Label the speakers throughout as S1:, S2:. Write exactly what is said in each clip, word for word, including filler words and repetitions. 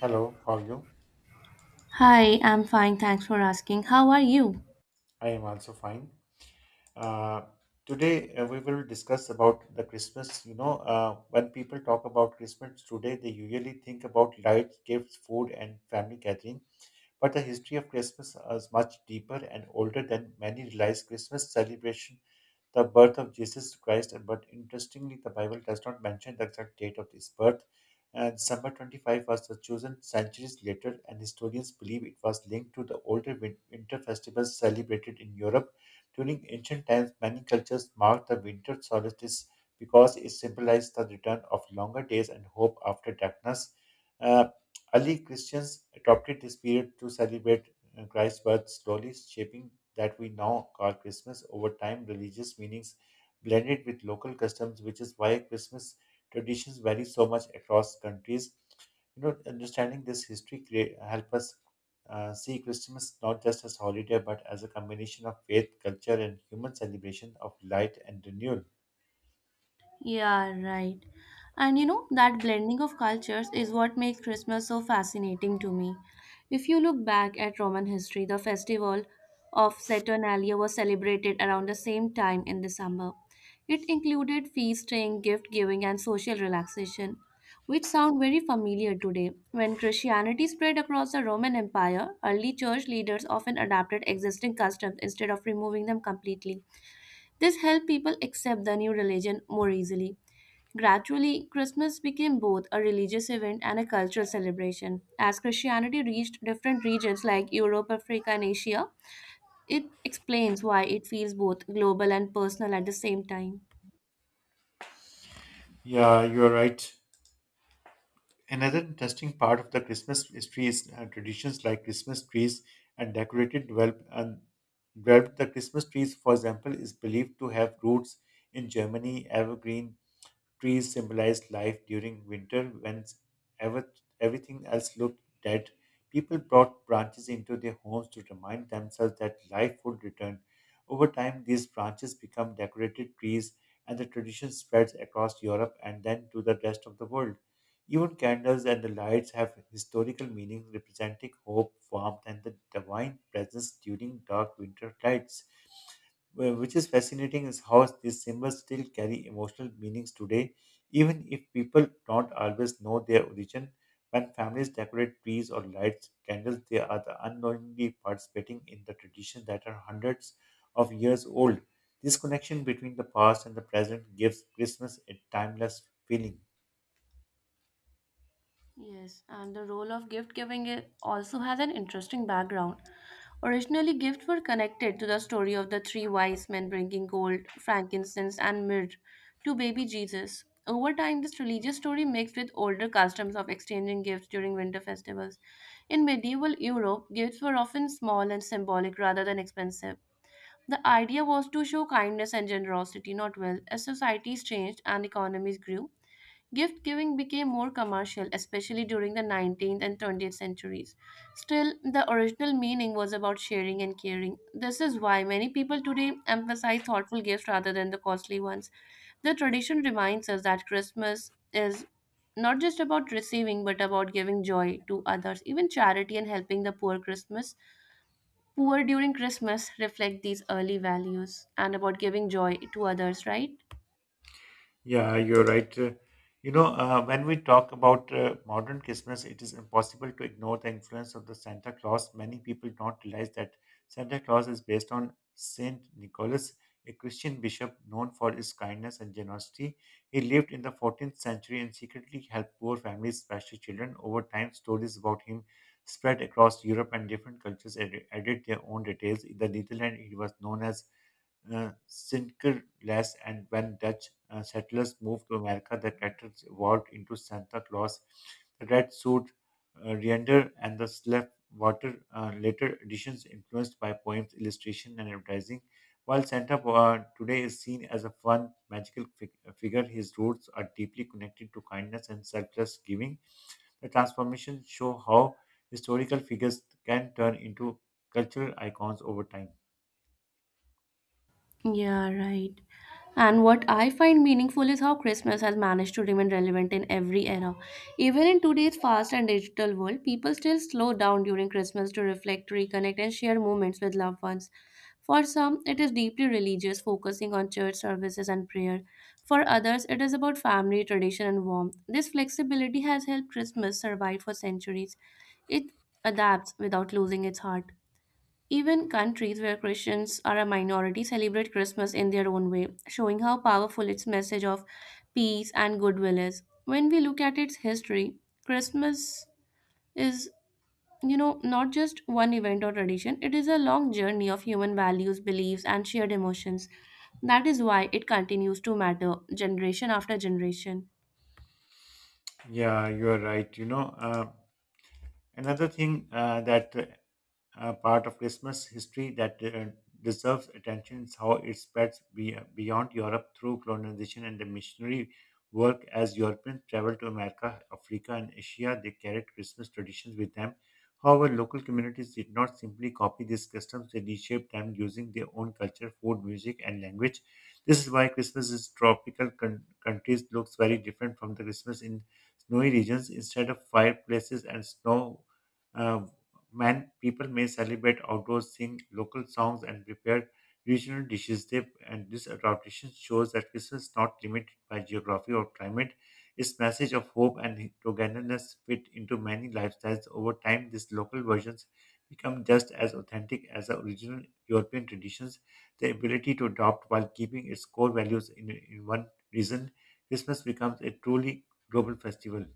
S1: Hello, how are you?
S2: Hi, I'm fine. Thanks for asking. How are you?
S1: I am also fine. Uh, Today uh, we will discuss about the Christmas. You know, uh, when people talk about Christmas today, they usually think about lights, gifts, food, and family gathering. But the history of Christmas is much deeper and older than many realize. Christmas celebration the birth of Jesus Christ, uh, but interestingly, the Bible does not mention the exact date of his birth. And December twenty-fifth was chosen centuries later, and historians believe it was linked to the older win- winter festivals celebrated in Europe. During ancient times, many cultures marked the winter solstice because it symbolized the return of longer days and hope after darkness. Uh, Early Christians adopted this period to celebrate uh, Christ's birth, slowly shaping that we now call Christmas. Over time, religious meanings blended with local customs, which is why Christmas traditions vary so much across countries. You know, understanding this history create, help us uh, see Christmas not just as holiday, but as a combination of faith, culture, and human celebration of light and renewal.
S2: Yeah, right. And you know, that blending of cultures is what makes Christmas so fascinating to me. If you look back at Roman history, the festival of Saturnalia was celebrated around the same time in December. It included feasting, gift giving, and social relaxation, which sound very familiar today. When Christianity spread across the Roman Empire, early church leaders often adapted existing customs instead of removing them completely. This helped people accept the new religion more easily. Gradually, Christmas became both a religious event and a cultural celebration. As Christianity reached different regions like Europe, Africa, and Asia, it explains why it feels both global and personal at the same time.
S1: Yeah, you are right. Another interesting part of the Christmas history is uh, traditions like Christmas trees and decorated develop and developed. The Christmas trees, for example, is believed to have roots in Germany. Evergreen trees symbolize life during winter when ever, everything else looked dead. People brought branches into their homes to remind themselves that life would return. Over time, these branches become decorated trees, and the tradition spreads across Europe and then to the rest of the world. Even candles and the lights have historical meanings representing hope, warmth, and the divine presence during dark winter nights. Wh- Which is fascinating is how these symbols still carry emotional meanings today, even if people don't always know their origin. When families decorate trees or lights candles, they are the unknowingly participating in the tradition that are hundreds of years old. This connection between the past and the present gives Christmas a timeless feeling.
S2: Yes, and the role of gift giving i- also has an interesting background. Originally, gifts were connected to the story of the three wise men bringing gold, frankincense, and myrrh to baby Jesus. Over time, this religious story mixed with older customs of exchanging gifts during winter festivals. In medieval Europe, gifts were often small and symbolic rather than expensive. The idea was to show kindness and generosity, not wealth. As societies changed and economies grew, gift giving became more commercial, especially during the nineteenth and twentieth centuries. Still, the original meaning was about sharing and caring. This is why many people today emphasize thoughtful gifts rather than the costly ones. The tradition reminds us that Christmas is not just about receiving but about giving joy to others. Even charity and helping the poor Christmas, poor during Christmas reflect these early values and about giving joy to others, right?
S1: Yeah, you're right. Uh, You know, uh, when we talk about uh, modern Christmas, it is impossible to ignore the influence of the Santa Claus. Many people don't realize that Santa Claus is based on Saint Nicholas, a Christian bishop known for his kindness and generosity. He lived in the fourteenth century and secretly helped poor families, especially children. Over time, stories about him spread across Europe and different cultures ad- added their own details. In the Netherlands, he was known as uh, Sinterklaas, and when Dutch uh, settlers moved to America, the characters evolved into Santa Claus, the red suit, uh, reindeer, and the slap water. Uh, later editions influenced by poems, illustration, and advertising. While Santa uh, today is seen as a fun, magical fig- uh, figure, his roots are deeply connected to kindness and selfless giving. The transformations show how historical figures can turn into cultural icons over time.
S2: Yeah, right. And what I find meaningful is how Christmas has managed to remain relevant in every era. Even in today's fast and digital world, people still slow down during Christmas to reflect, reconnect, and share moments with loved ones. For some, it is deeply religious, focusing on church services and prayer. For others, it is about family, tradition, and warmth. This flexibility has helped Christmas survive for centuries. It adapts without losing its heart. Even countries where Christians are a minority celebrate Christmas in their own way, showing how powerful its message of peace and goodwill is. When we look at its history, Christmas is, you know, not just one event or tradition, it is a long journey of human values, beliefs, and shared emotions. That is why it continues to matter generation after generation.
S1: Yeah, you are right. You know, uh, another thing uh, that uh, uh, part of Christmas history that uh, deserves attention is how it spreads be- uh, beyond Europe through colonization and the missionary work. As Europeans traveled to America, Africa, and Asia, they carried Christmas traditions with them. However, local communities did not simply copy these customs, they reshaped them using their own culture, food, music, and language. This is why Christmas in tropical con- countries looks very different from the Christmas in snowy regions. Instead of fireplaces and snow uh, man, people may celebrate outdoors, sing local songs, and prepare regional dishes. They, and this tradition shows that Christmas is not limited by geography or climate. Its message of hope and togetherness fit into many lifestyles. Over time, these local versions become just as authentic as the original European traditions. The ability to adopt while keeping its core values in, in one reason, Christmas becomes a truly global festival.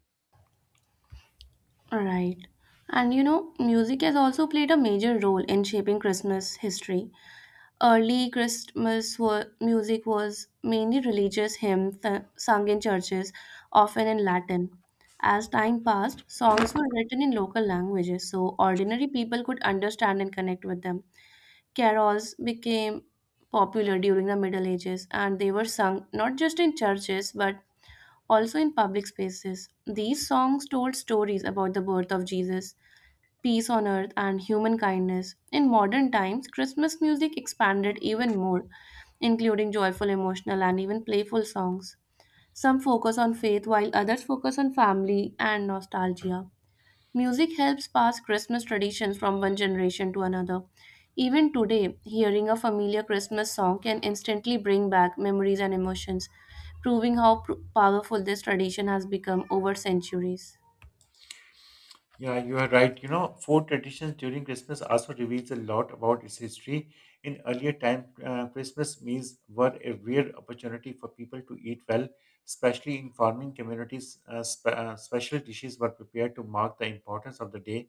S2: Right. And you know, music has also played a major role in shaping Christmas history. Early Christmas wa- music was mainly religious hymns uh, sung in churches, often in Latin. As time passed, songs were written in local languages so ordinary people could understand and connect with them. Carols became popular during the Middle Ages and they were sung not just in churches but also in public spaces. These songs told stories about the birth of Jesus, peace on earth, and human kindness. In modern times, Christmas music expanded even more, including joyful, emotional, and even playful songs. Some focus on faith while others focus on family and nostalgia. Music helps pass Christmas traditions from one generation to another. Even today, hearing a familiar Christmas song can instantly bring back memories and emotions, proving how pr- powerful this tradition has become over centuries.
S1: Yeah, you are right. You know, food traditions during Christmas also reveals a lot about its history. In earlier time, uh, Christmas meals were a rare opportunity for people to eat well, especially in farming communities. Uh, spe- uh, special dishes were prepared to mark the importance of the day.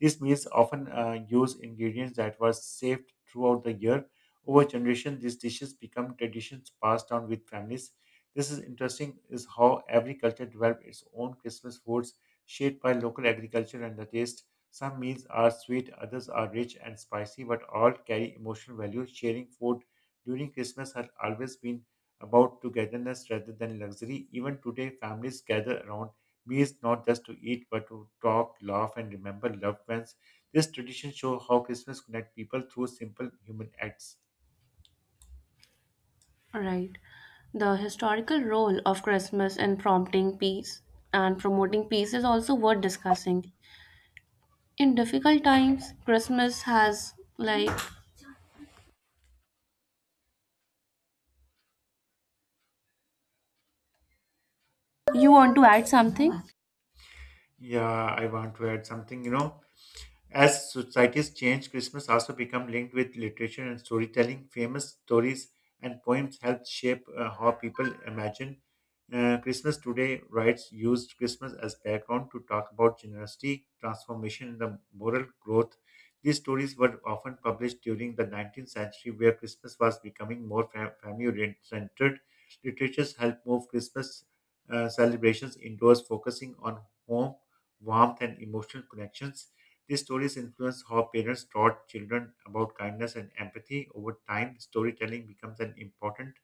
S1: These meals often uh, use ingredients that were saved throughout the year. Over generations, these dishes become traditions passed down with families. This is interesting is how every culture develops its own Christmas foods shaped by local agriculture and the taste. Some meals are sweet, others are rich and spicy, but all carry emotional value. Sharing food during Christmas has always been about togetherness rather than luxury. Even today, families gather around meals not just to eat but to talk, laugh, and remember loved ones. This tradition shows how Christmas connects people through simple human acts.
S2: Right. The historical role of Christmas in prompting peace and promoting peace is also worth discussing. In difficult times, Christmas has, like, you want to add something?
S1: Yeah, I want to add something, you know. As societies change, Christmas also become linked with literature and storytelling. Famous stories and poems help shape uh, how people imagine uh, Christmas. Today, writes used Christmas as background to talk about generosity, transformation, and the moral growth. These stories were often published during the nineteenth century, where Christmas was becoming more fam- family-centered. Literatures helped move Christmas uh, celebrations indoors, focusing on home, warmth, and emotional connections. These stories influence how parents taught children about kindness and empathy. Over time, storytelling becomes an important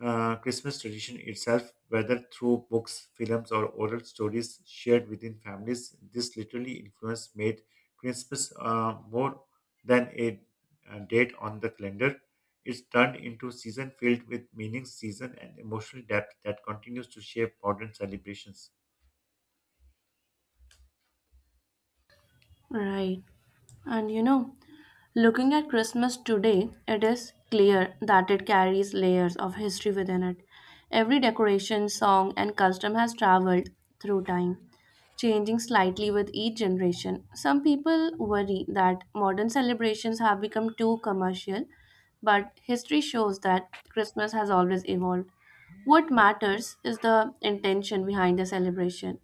S1: uh, Christmas tradition itself, whether through books, films, or oral stories shared within families. This literally influence made Christmas uh, more than a, a date on the calendar. It's turned into season filled with meaning, season, and emotional depth that continues to shape modern celebrations.
S2: Right. And you know, looking at Christmas today, it is clear that it carries layers of history within it. Every decoration, song, and custom has traveled through time, changing slightly with each generation. Some people worry that modern celebrations have become too commercial, but history shows that Christmas has always evolved. What matters is the intention behind the celebration,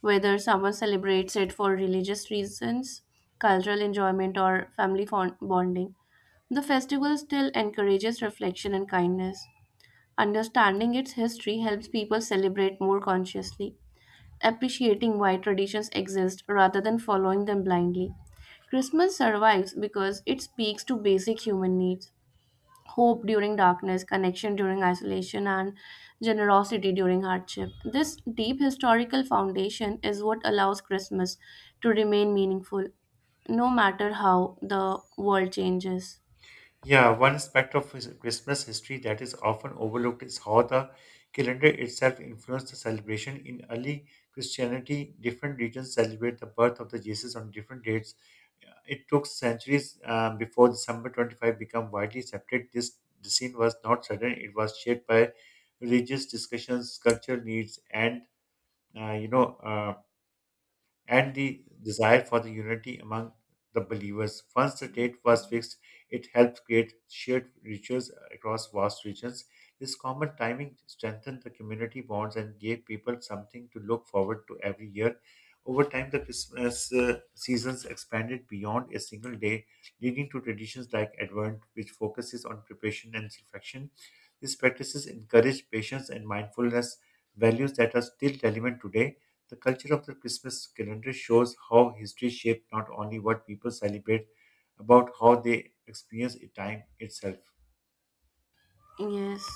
S2: whether someone celebrates it for religious reasons, cultural enjoyment, or family fond- bonding. The festival still encourages reflection and kindness. Understanding its history helps people celebrate more consciously, appreciating why traditions exist rather than following them blindly. Christmas survives because it speaks to basic human needs: hope during darkness, connection during isolation, and generosity during hardship. This deep historical foundation is what allows Christmas to remain meaningful, no matter how the world changes.
S1: Yeah, one aspect of his- Christmas history that is often overlooked is how the calendar itself influenced the celebration. In early Christianity, different regions celebrate the birth of the Jesus on different dates. It took centuries um, before December twenty-fifth became widely accepted. This decision was not sudden; it was shaped by religious discussions, cultural needs, and uh, you know uh, and the desire for the unity among the believers. Once the date was fixed, it helped create shared rituals across vast regions. This common timing strengthened the community bonds and gave people something to look forward to every year. Over time, the Christmas uh, seasons expanded beyond a single day, leading to traditions like Advent, which focuses on preparation and reflection. These practices encourage patience and mindfulness, values that are still relevant today. The culture of the Christmas calendar shows how history shaped not only what people celebrate, about how they experience it- time itself.
S2: Yes,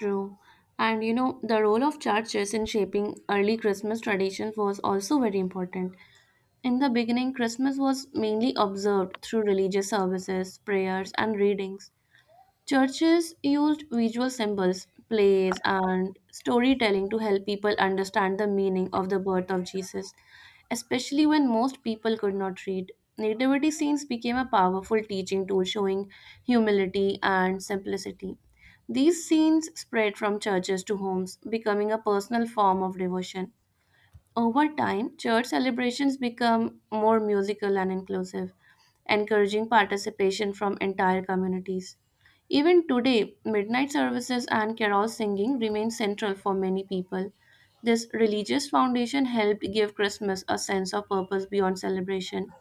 S2: true. And you know, the role of churches in shaping early Christmas traditions was also very important. In the beginning, Christmas was mainly observed through religious services, prayers, and readings. Churches used visual symbols, plays, and storytelling to help people understand the meaning of the birth of Jesus, especially when most people could not read. Nativity scenes became a powerful teaching tool showing humility and simplicity. These scenes spread from churches to homes, becoming a personal form of devotion. Over time, church celebrations become more musical and inclusive, encouraging participation from entire communities. Even today, midnight services and carol singing remain central for many people. This religious foundation helped give Christmas a sense of purpose beyond celebration.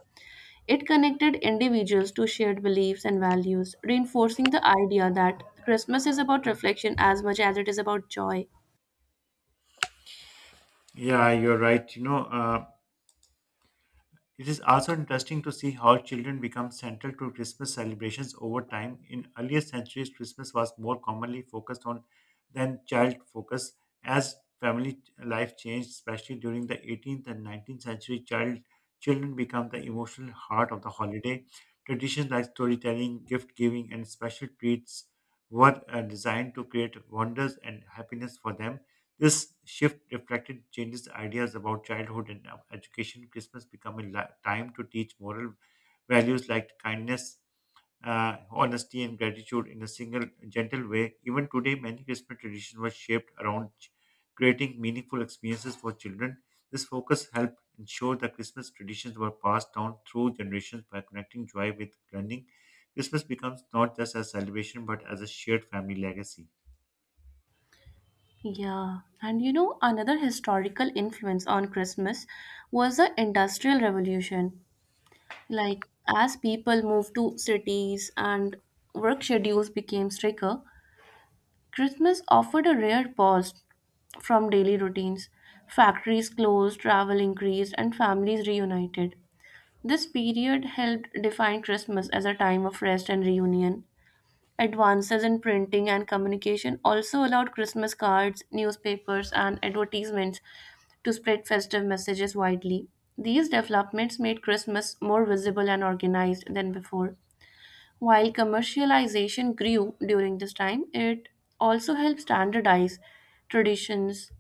S2: It connected individuals to shared beliefs and values, reinforcing the idea that Christmas is about reflection as much as it is about joy.
S1: Yeah, you're right. You know, uh, It is also interesting to see how children become central to Christmas celebrations over time. In earlier centuries, Christmas was more commonly focused on than child focus. As family life changed, especially during the eighteenth and nineteenth century, child children become the emotional heart of the holiday. Traditions like storytelling, gift giving, and special treats were uh, designed to create wonders and happiness for them. This shift reflected changes in ideas about childhood and uh, education. Christmas became a li- time to teach moral values like kindness, uh, honesty, and gratitude in a single gentle way. Even today, many Christmas traditions were shaped around ch- creating meaningful experiences for children. This focus helped ensure that Christmas traditions were passed down through generations by connecting joy with learning. Christmas becomes not just a celebration but as a shared family legacy.
S2: Yeah, and you know, another historical influence on Christmas was the Industrial Revolution. Like, as people moved to cities and work schedules became stricter, Christmas offered a rare pause from daily routines. Factories closed, travel increased, and families reunited. This period helped define Christmas as a time of rest and reunion. Advances in printing and communication also allowed Christmas cards, newspapers, and advertisements to spread festive messages widely. These developments made Christmas more visible and organized than before. While commercialization grew during this time, it also helped standardize traditions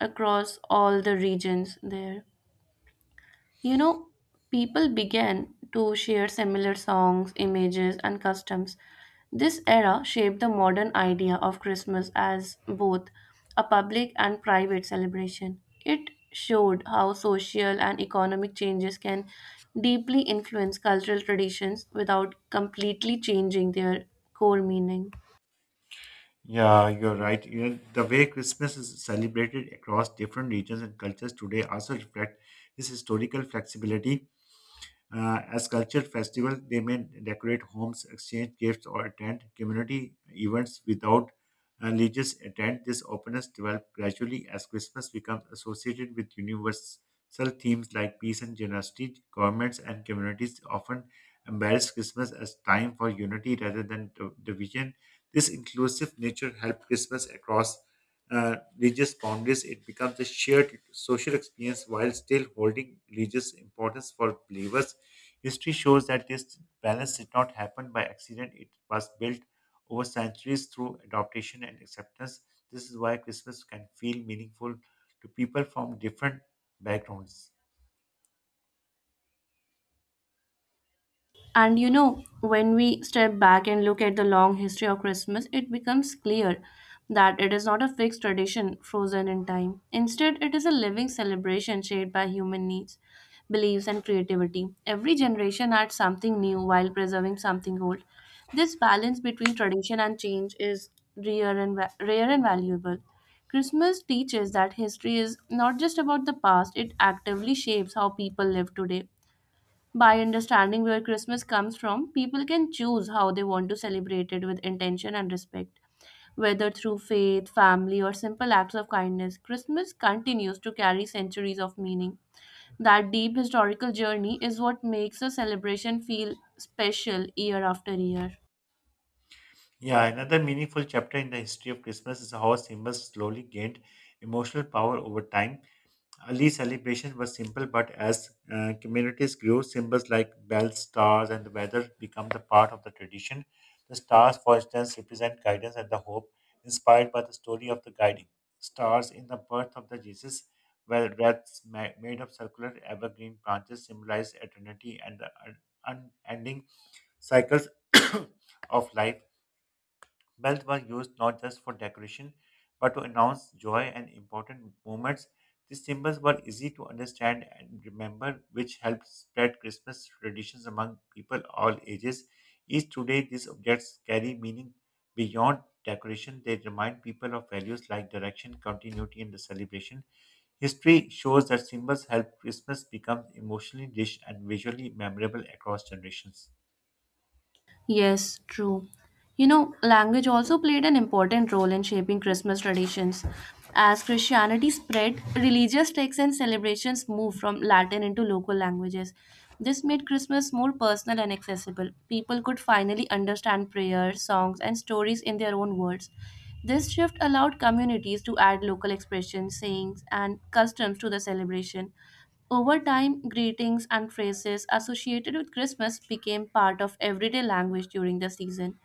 S2: across all the regions there. You know, people began to share similar songs, images, and customs. This era shaped the modern idea of Christmas as both a public and private celebration. It showed how social and economic changes can deeply influence cultural traditions without completely changing their core meaning.
S1: Yeah, you're right. You know, the way Christmas is celebrated across different regions and cultures today also reflect this historical flexibility. Uh, as culture festivals, they may decorate homes, exchange gifts, or attend community events without uh, religious intent. This openness developed gradually as Christmas becomes associated with universal themes like peace and generosity. Governments and communities often embrace Christmas as time for unity rather than div- division. This inclusive nature helps Christmas across uh, religious boundaries. It becomes a shared social experience while still holding religious importance for believers. History shows that this balance did not happen by accident. It was built over centuries through adaptation and acceptance. This is why Christmas can feel meaningful to people from different backgrounds.
S2: And you know, when we step back and look at the long history of Christmas, it becomes clear that it is not a fixed tradition frozen in time. Instead, it is a living celebration shaped by human needs, beliefs, and creativity. Every generation adds something new while preserving something old. This balance between tradition and change is rare and, va- rare and valuable. Christmas teaches that history is not just about the past, it actively shapes how people live today. By understanding where Christmas comes from, people can choose how they want to celebrate it with intention and respect. Whether through faith, family, or simple acts of kindness, Christmas continues to carry centuries of meaning. That deep historical journey is what makes a celebration feel special year after year.
S1: Yeah, another meaningful chapter in the history of Christmas is how symbols slowly gained emotional power over time. Early celebration was simple, but as uh, communities grew, symbols like bells, stars, and the weather become the part of the tradition. The stars, for instance, represent guidance and the hope, inspired by the story of the guiding stars in the birth of the Jesus, where wreaths ma- made of circular evergreen branches symbolize eternity and the un- unending cycles of life. Bells were used not just for decoration, but to announce joy and important moments. These symbols were easy to understand and remember, which helped spread Christmas traditions among people all ages. Each today, these objects carry meaning beyond decoration. They remind people of values like direction, continuity, and the celebration. History shows that symbols help Christmas become emotionally rich and visually memorable across generations.
S2: Yes, true. You know, language also played an important role in shaping Christmas traditions. As Christianity spread, religious texts and celebrations moved from Latin into local languages. This made Christmas more personal and accessible. People could finally understand prayers, songs, and stories in their own words. This shift allowed communities to add local expressions, sayings, and customs to the celebration. Over time, greetings and phrases associated with Christmas became part of everyday language during the season.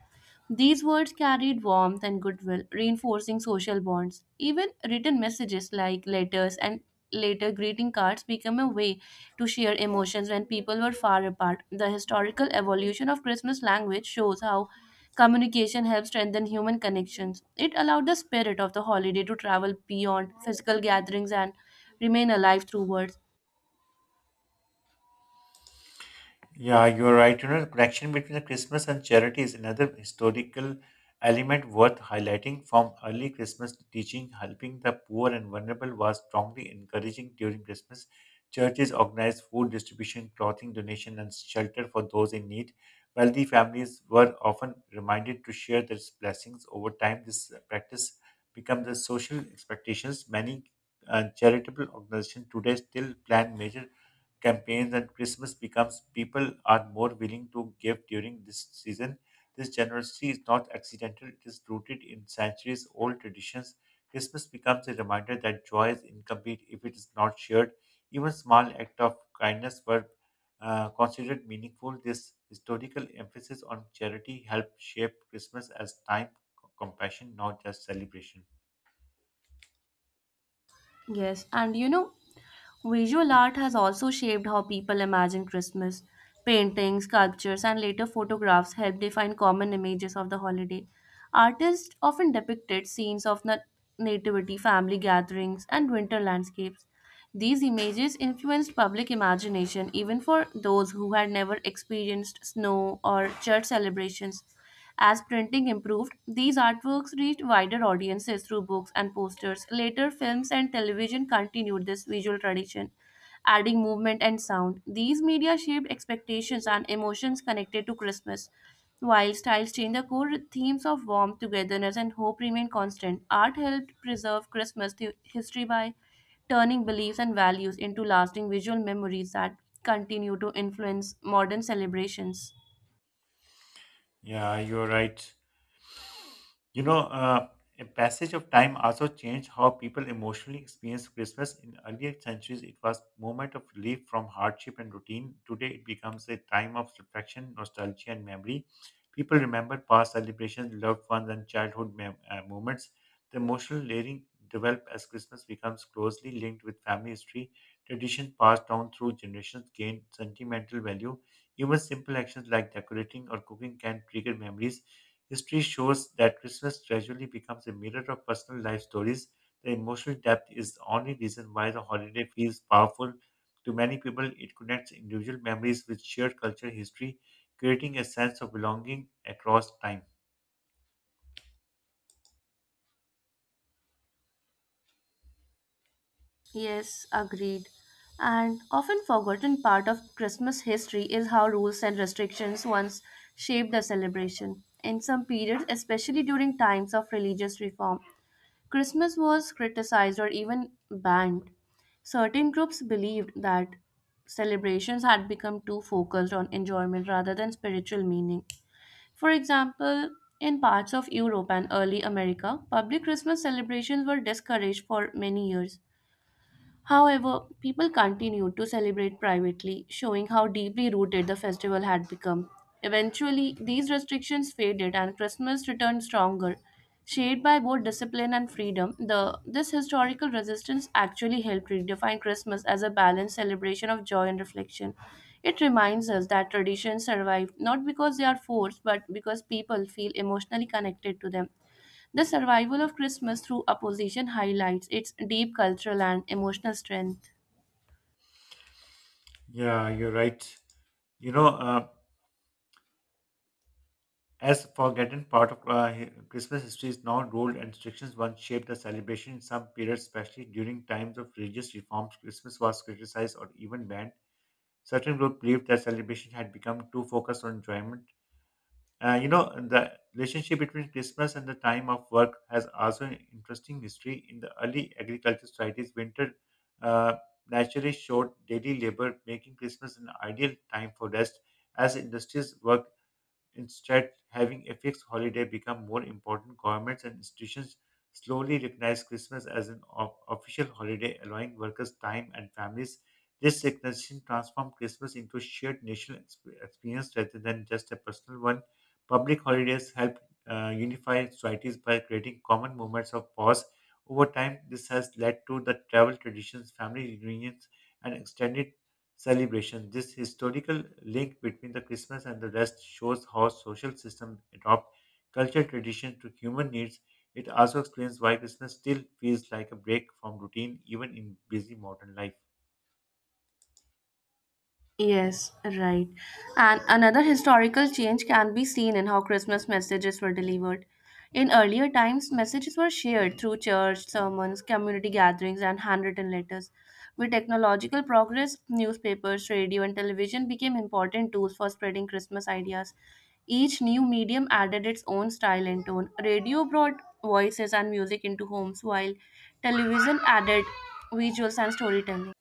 S2: These words carried warmth and goodwill, reinforcing social bonds. Even written messages like letters and later greeting cards became a way to share emotions when people were far apart. The historical evolution of Christmas language shows how communication helps strengthen human connections. It allowed the spirit of the holiday to travel beyond physical gatherings and remain alive through words.
S1: Yeah, you're right. You know, the connection between the Christmas and charity is another historical element worth highlighting. From early Christmas teaching, helping the poor and vulnerable was strongly encouraging during Christmas. Churches organized food distribution, clothing donation, and shelter for those in need. Wealthy families were often reminded to share their blessings. Over time, this practice becomes the social expectations. Many uh, charitable organizations today still plan major campaigns and Christmas becomes people are more willing to give during this season. This generosity is not accidental, it is rooted in centuries old traditions. Christmas becomes a reminder that joy is incomplete if it is not shared. Even small acts of kindness were uh, considered meaningful. This historical emphasis on charity helped shape Christmas as time, compassion, not just celebration.
S2: Yes, and you know, visual art has also shaped how people imagine Christmas. Paintings, sculptures, and later photographs help define common images of the holiday. Artists often depicted scenes of na- nativity, family gatherings, and winter landscapes. These images influenced public imagination even for those who had never experienced snow or church celebrations. As printing improved, these artworks reached wider audiences through books and posters. Later, films and television continued this visual tradition, adding movement and sound. These media shaped expectations and emotions connected to Christmas. While styles change, the core themes of warmth, togetherness, and hope remain constant. Art helped preserve Christmas thi- history by turning beliefs and values into lasting visual memories that continue to influence modern celebrations.
S1: Yeah, you're right. You know, uh, a passage of time also changed how people emotionally experienced Christmas. In earlier centuries, it was moment of relief from hardship and routine. Today, it becomes a time of reflection, nostalgia, and memory. People remember past celebrations, loved ones, and childhood mem- uh, moments. The emotional layering developed as Christmas becomes closely linked with family history. Tradition passed down through generations gain sentimental value. Even simple actions like decorating or cooking can trigger memories. History shows that Christmas gradually becomes a mirror of personal life stories. The emotional depth is the only reason why the holiday feels powerful. To many people, it connects individual memories with shared culture history, creating a sense of belonging across time.
S2: Yes, agreed. And often forgotten part of Christmas history is how rules and restrictions once shaped the celebration. In some periods, especially during times of religious reform, Christmas was criticized or even banned. Certain groups believed that celebrations had become too focused on enjoyment rather than spiritual meaning. For example, in parts of Europe and early America, public Christmas celebrations were discouraged for many years. However, people continued to celebrate privately, showing how deeply rooted the festival had become. Eventually, these restrictions faded and Christmas returned stronger. Shaped by both discipline and freedom, the, this historical resistance actually helped redefine Christmas as a balanced celebration of joy and reflection. It reminds us that traditions survive not because they are forced, but because people feel emotionally connected to them. The survival of Christmas through opposition highlights its deep cultural and emotional strength.
S1: Yeah, you're right. You know, uh, as forgotten part of uh, hi- Christmas history is now rule and restrictions once shaped the celebration in some periods, especially during times of religious reforms. Christmas was criticized or even banned. Certain groups believed that celebration had become too focused on enjoyment. Uh, you know, the relationship between Christmas and the time of work has also an interesting history. In the early agricultural societies, winter uh, naturally showed daily labor, making Christmas an ideal time for rest as industries work. Instead, having a fixed holiday become more important. Governments and institutions slowly recognize Christmas as an o- official holiday, allowing workers time and families. This recognition transformed Christmas into a shared national exp- experience rather than just a personal one. Public holidays help uh, unify societies by creating common moments of pause. Over time, this has led to the travel traditions, family reunions, and extended celebration. This historical link between the Christmas and the rest shows how social systems adopt cultural tradition to human needs. It also explains why Christmas still feels like a break from routine even in busy modern life.
S2: Yes, right. And another historical change can be seen in how Christmas messages were delivered. In earlier times, messages were shared through church sermons, community gatherings, and handwritten letters. With technological progress, newspapers, radio, and television became important tools for spreading Christmas ideas. Each new medium added its own style and tone. Radio brought voices and music into homes, while television added visuals and storytelling.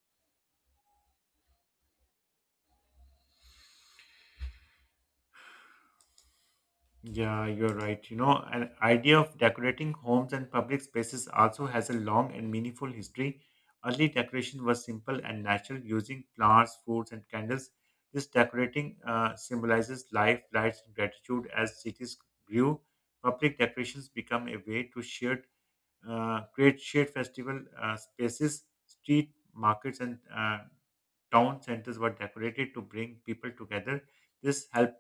S1: Yeah, you're right. You know, an idea of decorating homes and public spaces also has a long and meaningful history. Early decoration was simple and natural, using flowers, fruits, and candles. This decorating uh, symbolizes life, lights, and gratitude. As cities grew, public decorations become a way to shared, uh, create shared festival uh, spaces, street markets, and uh, town centers were decorated to bring people together. This helped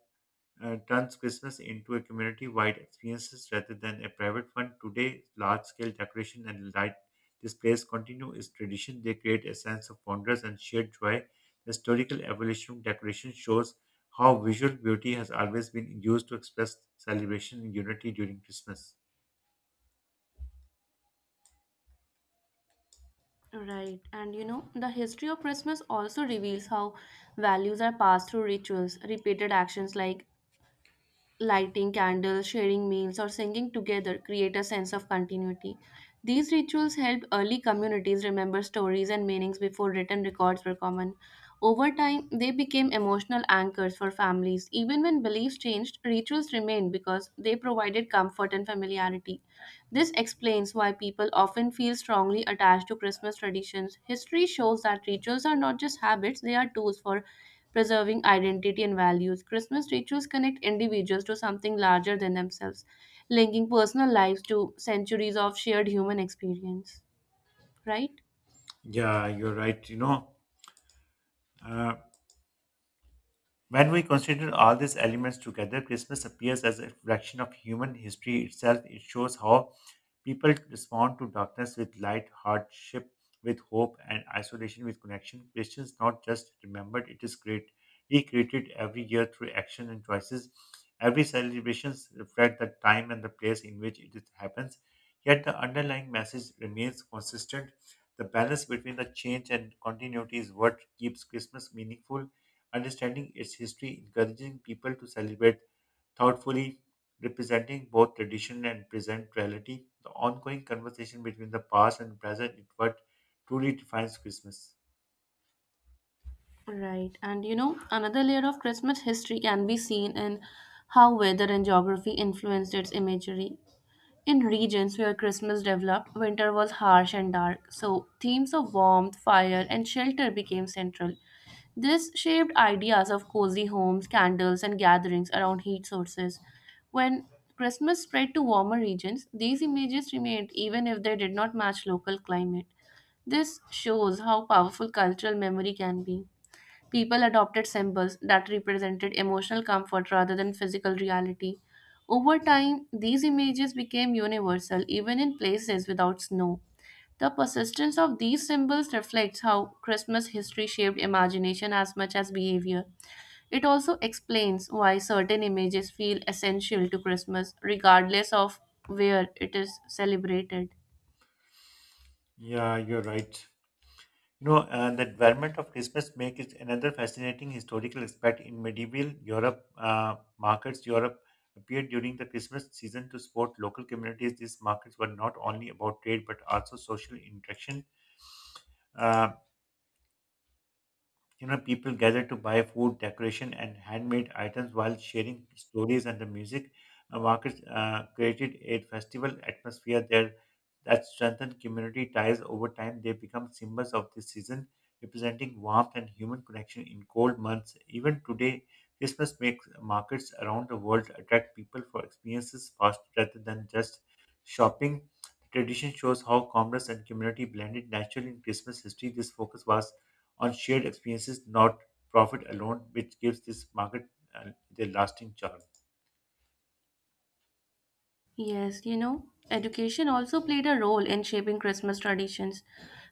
S1: uh, turns Christmas into a community-wide experience rather than a private one. Today, large-scale decoration and light displays continue its tradition. They create a sense of wonder and shared joy. The historical evolution of decoration shows how visual beauty has always been used to express celebration and unity during Christmas.
S2: Right. And you know, the history of Christmas also reveals how values are passed through rituals. Repeated actions like lighting candles, sharing meals, or singing together create a sense of continuity. These rituals helped early communities remember stories and meanings before written records were common. Over time, they became emotional anchors for families. Even when beliefs changed, rituals remained because they provided comfort and familiarity. This explains why people often feel strongly attached to Christmas traditions. History shows that rituals are not just habits, they are tools for preserving identity and values. Christmas rituals connect individuals to something larger than themselves, linking personal lives to centuries of shared human experience. Right?
S1: Yeah, you're right. You know, uh, When we consider all these elements together, Christmas appears as a reflection of human history itself. It shows how people respond to darkness with light, hardship with hope, and isolation with connection. Christians not just remembered, it is great recreated every year through action and choices. Every celebrations reflect the time and the place in which it happens. Yet the underlying message remains consistent. The balance between the change and continuity is what keeps Christmas meaningful. Understanding its history, encouraging people to celebrate thoughtfully, representing both tradition and present reality, the ongoing conversation between the past and present is what truly defines Christmas.
S2: Right. And you know, another layer of Christmas history can be seen in how weather and geography influenced its imagery. In regions where Christmas developed, winter was harsh and dark, so themes of warmth, fire, and shelter became central. This shaped ideas of cozy homes, candles, and gatherings around heat sources. When Christmas spread to warmer regions, these images remained even if they did not match local climate. This shows how powerful cultural memory can be. People adopted symbols that represented emotional comfort rather than physical reality. Over time, these images became universal even in places without snow. The persistence of these symbols reflects how Christmas history shaped imagination as much as behavior. It also explains why certain images feel essential to Christmas, regardless of where it is celebrated.
S1: Yeah, you're right. You know, uh, the development of Christmas make is another fascinating historical aspect in medieval Europe. Uh, markets Europe appeared during the Christmas season to support local communities. These markets were not only about trade but also social interaction. Uh, you know, people gather to buy food, decoration, and handmade items while sharing stories and the music. Uh, markets uh, created a festival atmosphere there that strengthened community ties over time. They become symbols of the season, representing warmth and human connection in cold months. Even today, Christmas makes markets around the world attract people for experiences fast rather than just shopping. The tradition shows how commerce and community blended naturally in Christmas history. This focus was on shared experiences, not profit alone, which gives this market uh, the lasting charm.
S2: Yes, you know, education also played a role in shaping Christmas traditions.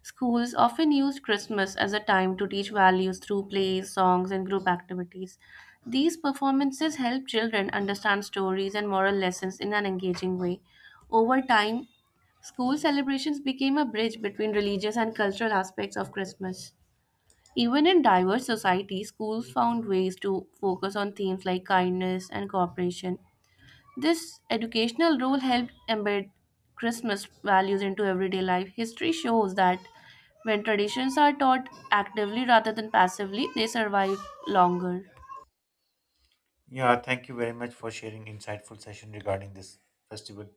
S2: Schools often used Christmas as a time to teach values through plays, songs, and group activities. These performances help children understand stories and moral lessons in an engaging way. Over time, school celebrations became a bridge between religious and cultural aspects of Christmas. Even in diverse societies, schools found ways to focus on themes like kindness and cooperation. This educational role helped embed Christmas values into everyday life. History shows that when traditions are taught actively rather than passively, they survive longer.
S1: Yeah, thank you very much for sharing insightful session regarding this festival.